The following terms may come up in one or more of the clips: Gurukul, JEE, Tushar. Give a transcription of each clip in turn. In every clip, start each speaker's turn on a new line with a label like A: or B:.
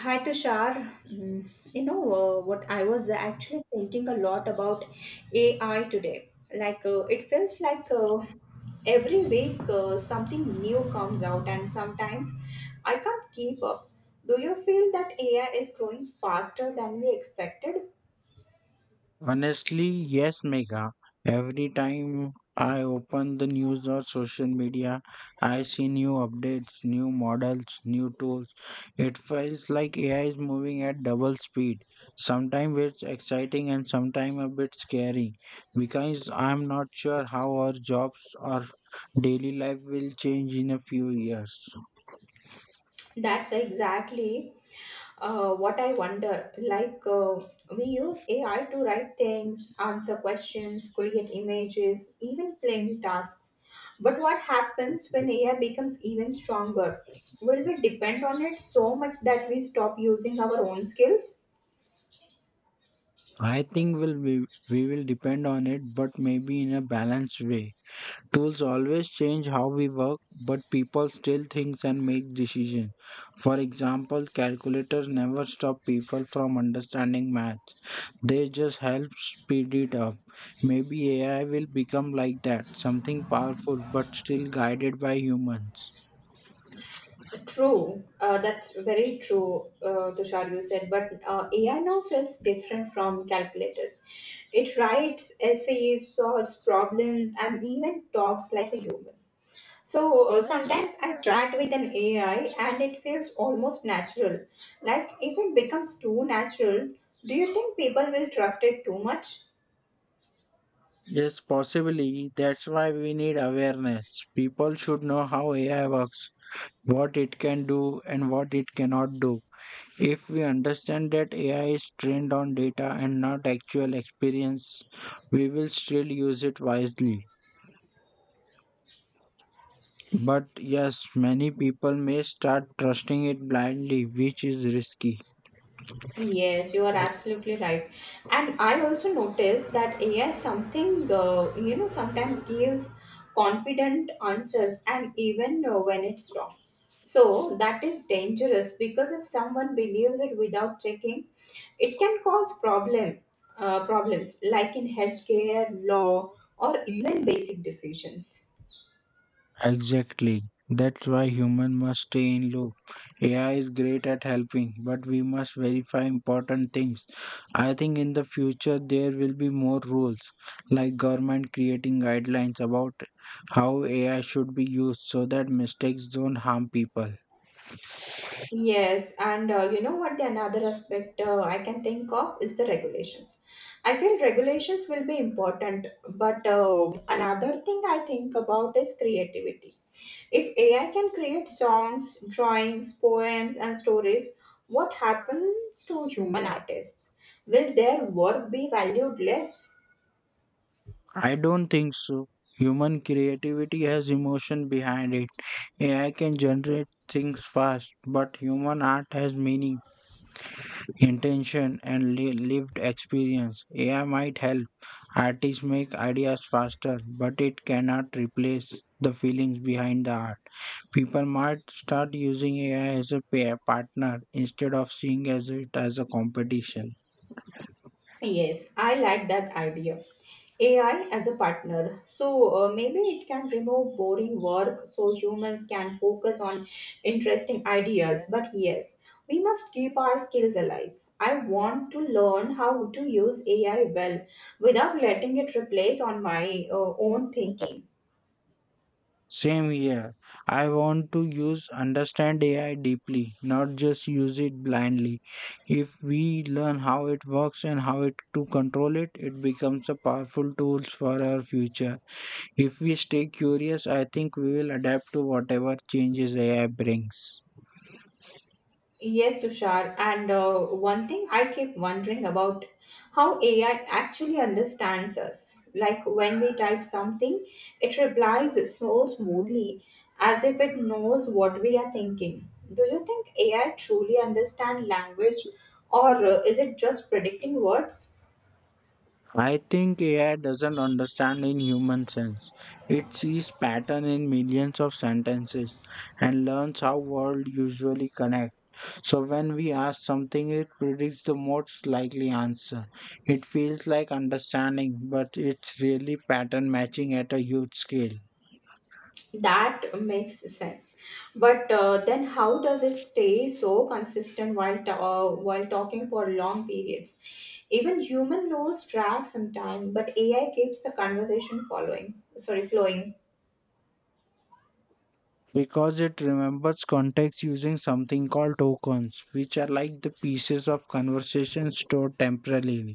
A: Hi Tushar. Mm, what I was actually thinking a lot about AI today. It feels like every week something new comes out, and sometimes I can't keep up. Do you feel that AI is growing faster than we expected?
B: Honestly, yes, Megha. Every time I open the news or social media, I see new updates, new models, new tools. It feels like AI is moving at double speed. Sometimes it's exciting and sometimes a bit scary because I'm not sure how our jobs or daily life will change in a few years.
A: That's exactly what I wonder. We use AI to write things, answer questions, create images, even plan tasks. But what happens when AI becomes even stronger? Will we depend on it so much that we stop using our own skills?
B: I think we will depend on it, but maybe in a balanced way. Tools always change how we work, but people still think and make decisions. For example, calculators never stop people from understanding math. They just help speed it up. Maybe AI will become like that, something powerful but still guided by humans.
A: True, that's very true, Tushar, you said. But AI now feels different from calculators. It writes essays, solves problems, and even talks like a human. So sometimes I chat with an AI and it feels almost natural. Like if it becomes too natural, do you think people will trust it too much?
B: Yes, possibly. That's why we need awareness. People should know how AI works, what it can do, and what it cannot do. If we understand that AI is trained on data and not actual experience, we will still use it wisely. But yes, many people may start trusting it blindly, which is risky.
A: Yes, you are absolutely right. And I also noticed that AI is something, sometimes gives confident answers and even when it's wrong. So that is dangerous because if someone believes it without checking, it can cause problems like in healthcare, law, or even basic decisions.
B: Exactly. That's why human must stay in loop. AI is great at helping, but we must verify important things. I think in the future there will be more rules, like government creating guidelines about how AI should be used so that mistakes don't harm people.
A: Yes, and you know what? The another aspect I can think of is the regulations. I feel regulations will be important, but another thing I think about is creativity. If AI can create songs, drawings, poems, and stories, what happens to human artists? Will their work be valued less?
B: I don't think so. Human creativity has emotion behind it. AI can generate things fast, but human art has meaning intention and lived experience. AI might help artists make ideas faster, but it cannot replace the feelings behind the art. People might start using AI as a pair partner instead of seeing as it as a competition.
A: Yes, I like that idea. AI as a partner. So maybe it can remove boring work so humans can focus on interesting ideas. But yes, we must keep our skills alive. I want to learn how to use AI well without letting it replace on my own thinking.
B: Same here. I want to use understand AI deeply, not just use it blindly. If we learn how it works and how it to control it, it becomes a powerful tools for our future. If we stay curious, I think we will adapt to whatever changes AI brings.
A: Yes, Tushar. And one thing I keep wondering about how AI actually understands us. Like when we type something, it replies so smoothly as if it knows what we are thinking. Do you think AI truly understand language or is it just predicting words?
B: I think AI doesn't understand in human sense. It sees pattern in millions of sentences and learns how world usually connect. So when we ask something, it predicts the most likely answer. It feels like understanding, but it's really pattern matching at a huge scale.
A: That makes sense, but then how does it stay so consistent while while talking for long periods? Even human knows drag sometime, but AI keeps the conversation following sorry flowing.
B: Because it remembers context using something called tokens, which are like the pieces of conversation stored temporarily.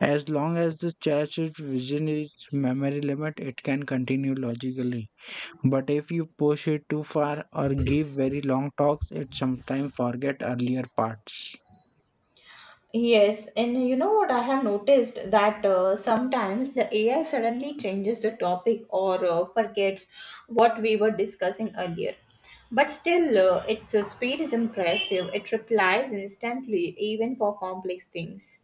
B: As long as the chat's vision is memory limit, it can continue logically. But if you push it too far or give very long talks, it sometimes forget earlier parts.
A: Yes, and you know what I have noticed that sometimes the AI suddenly changes the topic or forgets what we were discussing earlier. But still, its speed is impressive. It replies instantly, even for complex things.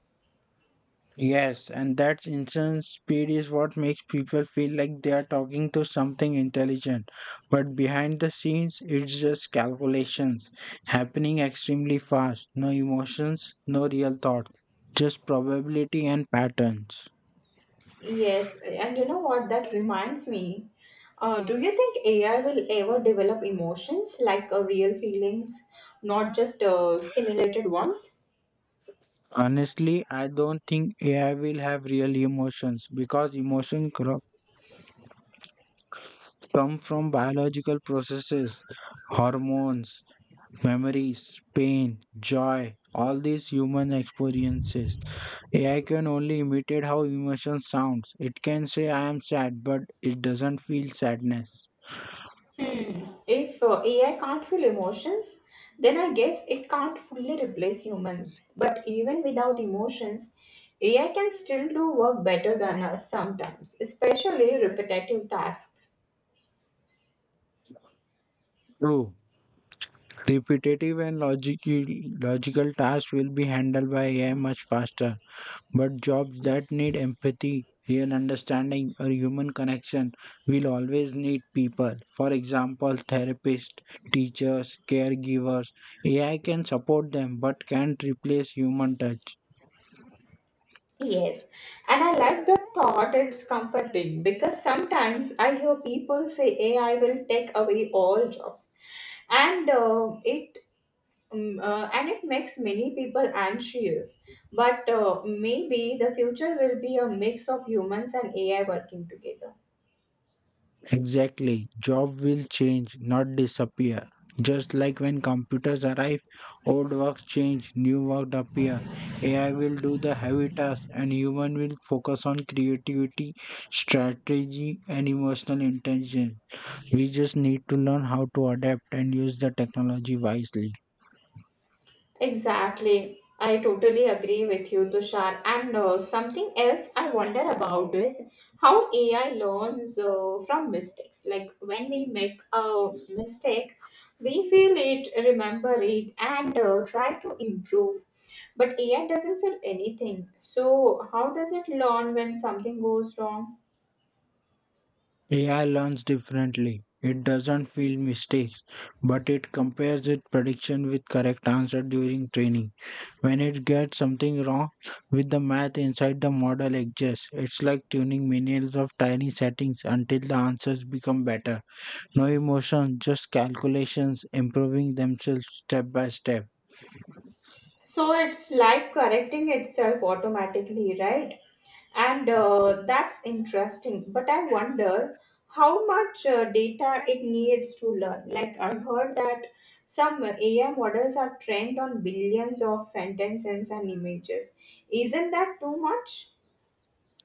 B: Yes, and that instant speed is what makes people feel like they are talking to something intelligent. But behind the scenes, it's just calculations happening extremely fast. No emotions, no real thought, just probability and patterns.
A: Yes, and you know what? That reminds me. Do you think AI will ever develop emotions like real feelings, not just simulated ones?
B: Honestly, I don't think AI will have real emotions because emotions come from biological processes, hormones, memories, pain, joy, all these human experiences. AI can only imitate how emotion sounds. It can say I am sad, but it doesn't feel sadness.
A: If AI can't feel emotions, then I guess it can't fully replace humans. But even without emotions, AI can still do work better than us sometimes, especially repetitive tasks.
B: True. Repetitive and logical tasks will be handled by AI much faster. But jobs that need empathy, real understanding, or human connection will always need people. For example, therapists, teachers, caregivers. AI can support them but can't replace human touch.
A: Yes, and I like the thought. It's comforting because sometimes I hear people say AI will take away all jobs, and it and it makes many people anxious. But maybe the future will be a mix of humans and AI working together.
B: Exactly. Job will change, not disappear. Just like when computers arrive, old works change, new work appear. AI will do the heavy tasks and human will focus on creativity, strategy and emotional intelligence. We just need to learn how to adapt and use the technology wisely.
A: Exactly. I totally agree with you, Tushar. And something else I wonder about is how AI learns from mistakes. Like when we make a mistake, we feel it, remember it, and try to improve. But AI doesn't feel anything. So how does it learn when something goes wrong?
B: AI learns differently. It doesn't feel mistakes, but it compares its prediction with correct answer during training. When it gets something wrong with the math inside the model exists, it's like tuning millions of tiny settings until the answers become better. No emotion, just calculations improving themselves step by step.
A: So it's like correcting itself automatically, right? And that's interesting, but I wonder how much data it needs to learn. Like, I heard that some AI models are trained on billions of sentences and images. Isn't that too much?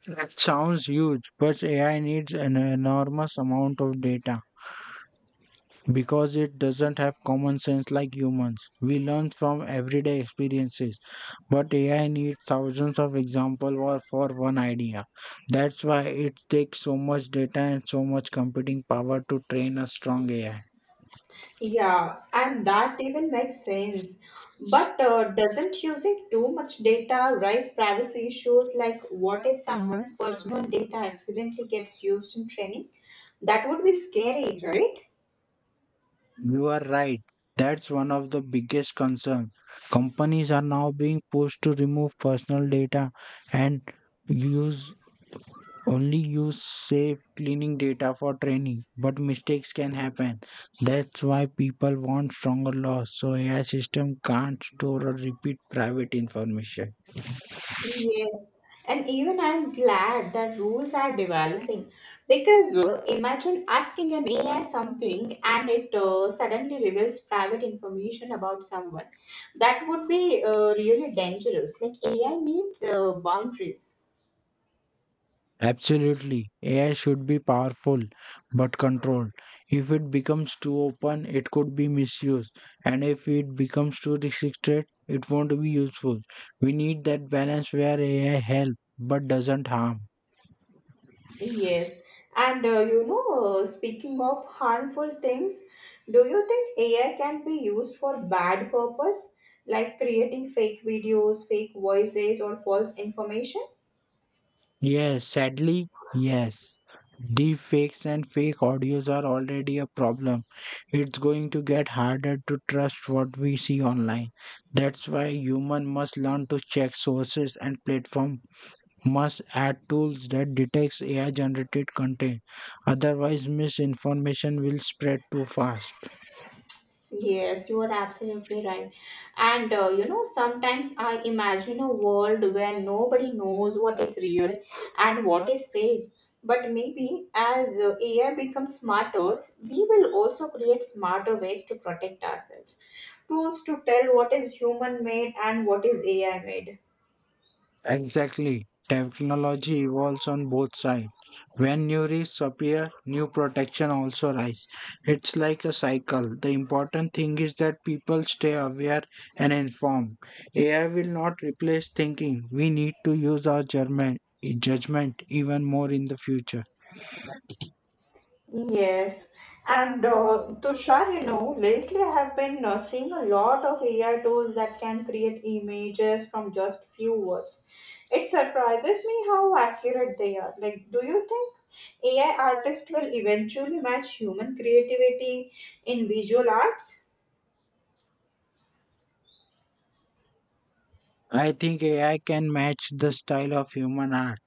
B: That sounds huge, but AI needs an enormous amount of data, because it doesn't have common sense like humans. We learn from everyday experiences, but AI needs thousands of examples for one idea. That's why it takes so much data and so much computing power to train a strong AI.
A: Yeah, and that even makes sense. But doesn't using too much data raise privacy issues? Like, what if someone's personal data accidentally gets used in training? That would be scary, right?
B: You are right. That's one of the biggest concerns. Companies are now being pushed to remove personal data and use only use safe cleaning data for training, but mistakes can happen. That's why people want stronger laws so AI system can't store or repeat private information.
A: Yes, and even I'm glad that rules are developing because imagine asking an AI something and it suddenly reveals private information about someone. That would be really dangerous. Like AI needs boundaries.
B: Absolutely, AI should be powerful but controlled. If it becomes too open, it could be misused, and if it becomes too restricted, it won't be useful. We need that balance where AI helps but doesn't harm.
A: Yes, and speaking of harmful things, do you think AI can be used for bad purpose, like creating fake videos, fake voices, or false information?
B: Yes, sadly, yes. Deep fakes and fake audios are already a problem. It's going to get harder to trust what we see online. That's why human must learn to check sources and platform must add tools that detects AI generated content. Otherwise misinformation will spread too fast.
A: Yes, you are absolutely right. And you know, sometimes I imagine a world where nobody knows what is real and what is fake. But maybe as AI becomes smarter, we will also create smarter ways to protect ourselves, tools to tell what is human made and what is AI made.
B: Exactly. Technology evolves on both sides. When new risks appear, new protection also rise. It's like a cycle. The important thing is that people stay aware and informed. AI will not replace thinking. We need to use our judgment even more in the future.
A: Yes, and Tushar, you know, lately I have been seeing a lot of AI tools that can create images from just few words. It surprises me how accurate they are. Like, do you think AI artists will eventually match human creativity in visual arts?
B: I think AI can match the style of human art,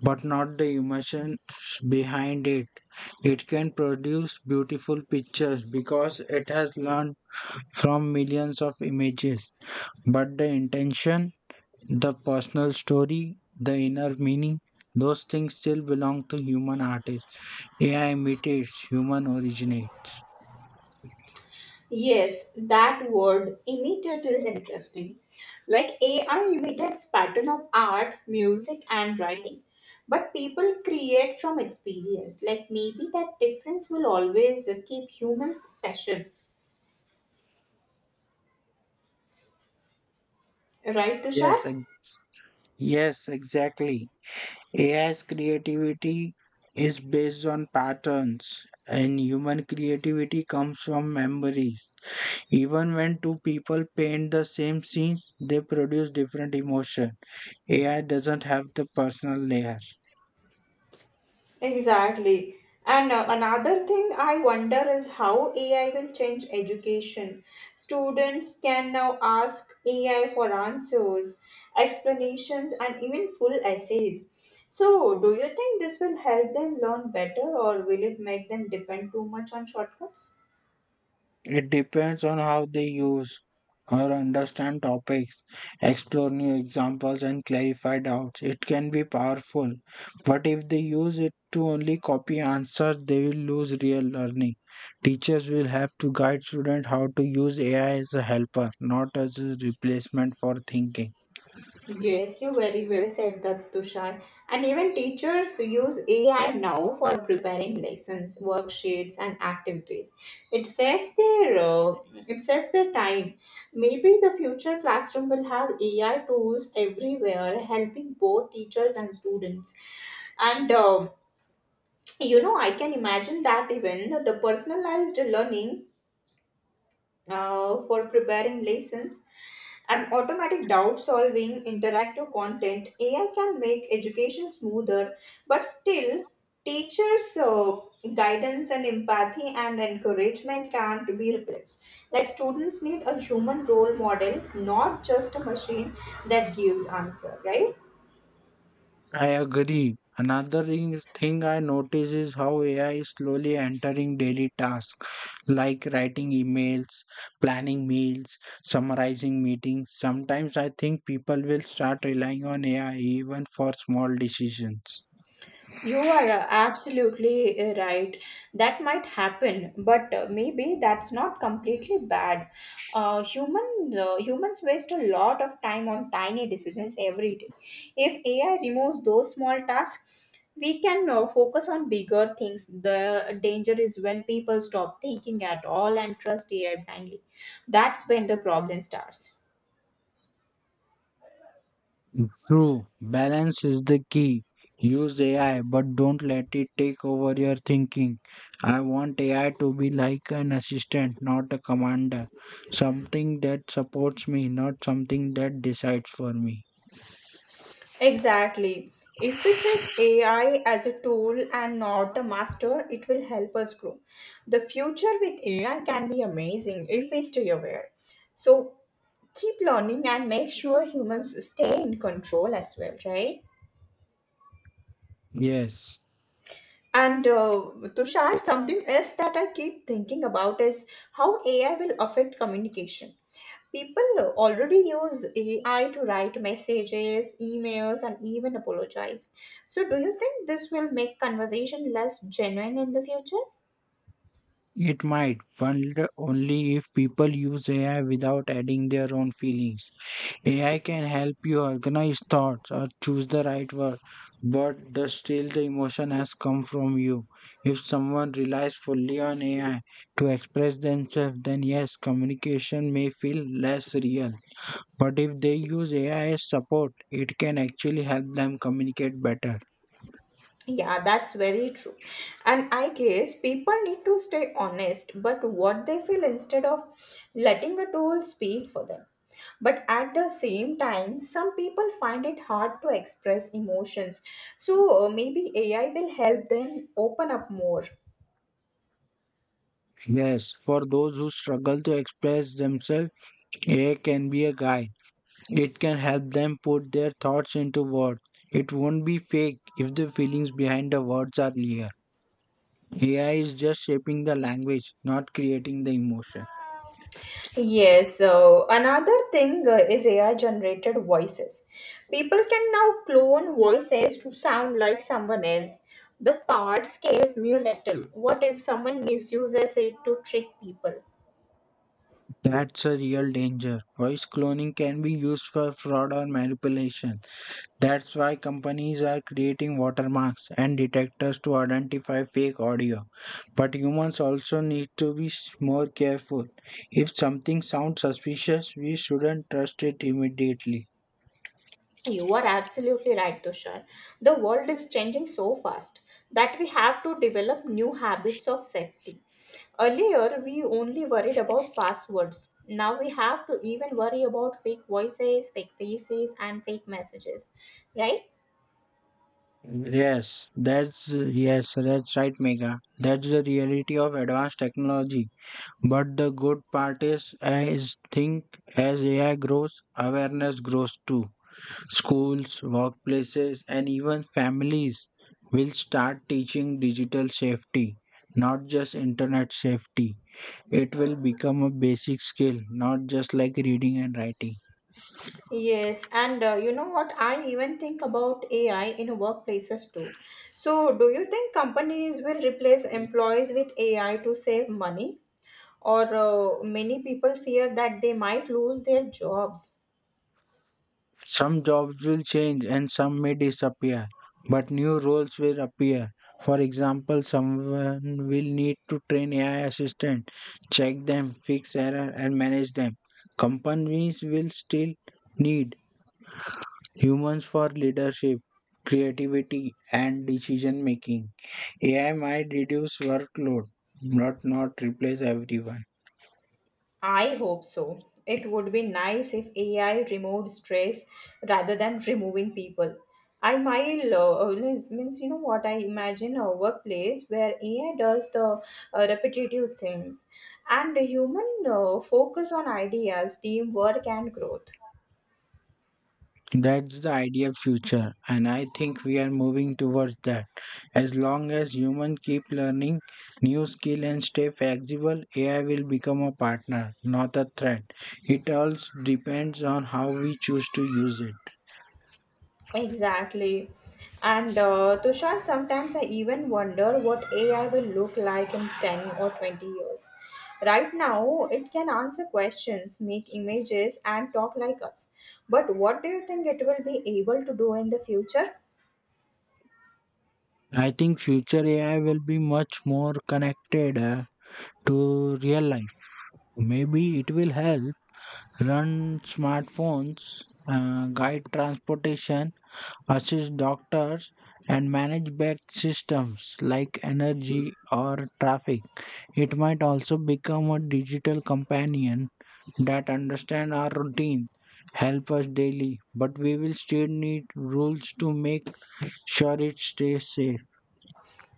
B: but not the emotions behind it. It can produce beautiful pictures because it has learned from millions of images, but the intention, the personal story, the inner meaning, those things still belong to human artists. AI imitates, human originate.
A: Yes, that word imitate is interesting. Like AI imitates pattern of art, music and writing. But people create from experience. Like maybe that difference will always keep humans special. Right, Tushar?
B: Yes, ex- yes, exactly. AI's creativity is based on patterns, and human creativity comes from memories. Even when two people paint the same scenes, they produce different emotion. AI doesn't have the personal layer.
A: Exactly. And another thing I wonder is how AI will change education. Students can now ask AI for answers, explanations, and even full essays. So do you think this will help them learn better or will it make them depend too much on shortcuts?
B: It depends on how they use or understand topics, explore new examples, and clarify doubts. It can be powerful, but if they use it to only copy answers, they will lose real learning. Teachers will have to guide students how to use AI as a helper, not as a replacement for thinking.
A: Yes, you very well said that, Tushar. And even teachers use AI now for preparing lessons, worksheets, and activities. It saves their uh, it saves their time. Maybe the future classroom will have AI tools everywhere, helping both teachers and students. And you know, I can imagine that even the personalized learning, for preparing lessons and automatic doubt solving interactive content, AI can make education smoother. But still, teachers' guidance and empathy and encouragement can't be replaced. Like, students need a human role model, not just a machine that gives answer, right?
B: I agree. Another thing I notice is how AI is slowly entering daily tasks, like writing emails, planning meals, summarizing meetings. Sometimes I think people will start relying on AI even for small decisions.
A: You are absolutely right. That might happen, but maybe that's not completely bad. Humans waste a lot of time on tiny decisions every day. If AI removes those small tasks, we can focus on bigger things. The danger is when people stop thinking at all and trust AI blindly. That's when the problem starts.
B: True, balance is the key. Use AI, but don't let it take over your thinking. I want AI to be like an assistant, not a commander. Something that supports me, not something that decides for me.
A: Exactly. If we treat AI as a tool and not a master, it will help us grow. The future with AI can be amazing if we stay aware. So keep learning and make sure humans stay in control as well, right?
B: Yes.
A: And Tushar, something else that I keep thinking about is how AI will affect communication. People already use AI to write messages, emails, and even apologize. So do you think this will make conversation less genuine in the future?
B: It might, but only if people use AI without adding their own feelings. AI can help you organize thoughts or choose the right word, but still the emotion has come from you. If someone relies fully on AI to express themselves, then yes, communication may feel less real. But if they use AI as support, it can actually help them communicate better.
A: Yeah, that's very true. And I guess people need to stay honest but what they feel instead of letting the tool speak for them. But at the same time, some people find it hard to express emotions. So maybe AI will help them open up more.
B: Yes, for those who struggle to express themselves, AI can be a guide. It can help them put their thoughts into words. It won't be fake if the feelings behind the words are clear. AI is just shaping the language, not creating the emotion.
A: Yes, so another thing is AI generated voices. People can now clone voices to sound like someone else. The part scares me a little. What if someone misuses it to trick people?
B: That's a real danger. Voice cloning can be used for fraud or manipulation. That's why companies are creating watermarks and detectors to identify fake audio. But humans also need to be more careful. If something sounds suspicious, we shouldn't trust it immediately.
A: You are absolutely right, Tushar. The world is changing so fast that we have to develop new habits of safety. Earlier, we only worried about passwords. Now we have to even worry about fake voices, fake faces, and fake messages, right?
B: Yes, that's right, Mega. That's the reality of advanced technology. But the good part is, as AI grows, awareness grows too. Schools, workplaces, and even families will start teaching digital safety, not just internet safety. It will become a basic skill, not just like reading and writing.
A: Yes, and you know what? I even think about AI in workplaces too. So do you think companies will replace employees with AI to save money? Or many people fear that they might lose their jobs.
B: Some jobs will change and some may disappear, but new roles will appear. For example, someone will need to train AI assistant, check them, fix error and manage them. Companies will still need humans for leadership, creativity and decision making. AI might reduce workload, but not replace everyone.
A: I hope so. It would be nice if AI removed stress rather than removing people. I might means means You know what, I imagine a workplace where AI does the repetitive things, and human focus on ideas, teamwork, and growth.
B: That's the ideal future, and I think we are moving towards that. As long as humans keep learning new skill and stay flexible, AI will become a partner, not a threat. It all depends on how we choose to use it.
A: Exactly. And Tushar, sometimes I even wonder what AI will look like in 10 or 20 years. Right now, it can answer questions, make images, and talk like us. But what do you think it will be able to do in the future?
B: I think future AI will be much more connected to real life. Maybe it will help run smartphones, guide transportation, assist doctors and manage back systems like energy or traffic. It might also become a digital companion that understands our routine, help us daily, but we will still need rules to make sure it stays safe.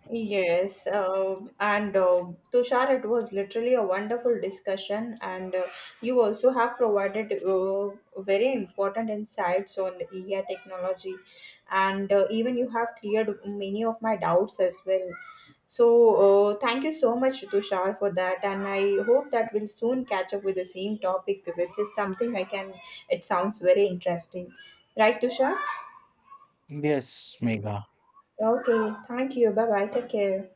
A: Yes, and Tushar, it was literally a wonderful discussion, and you also have provided very important insights on the AI technology, and even you have cleared many of my doubts as well. So thank you so much, Tushar, for that, and I hope that we'll soon catch up with the same topic because it is something I can. It sounds very interesting, right, Tushar?
B: Yes, Mega.
A: Okay, thank you. Bye bye. Take care.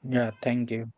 B: Yeah, thank you.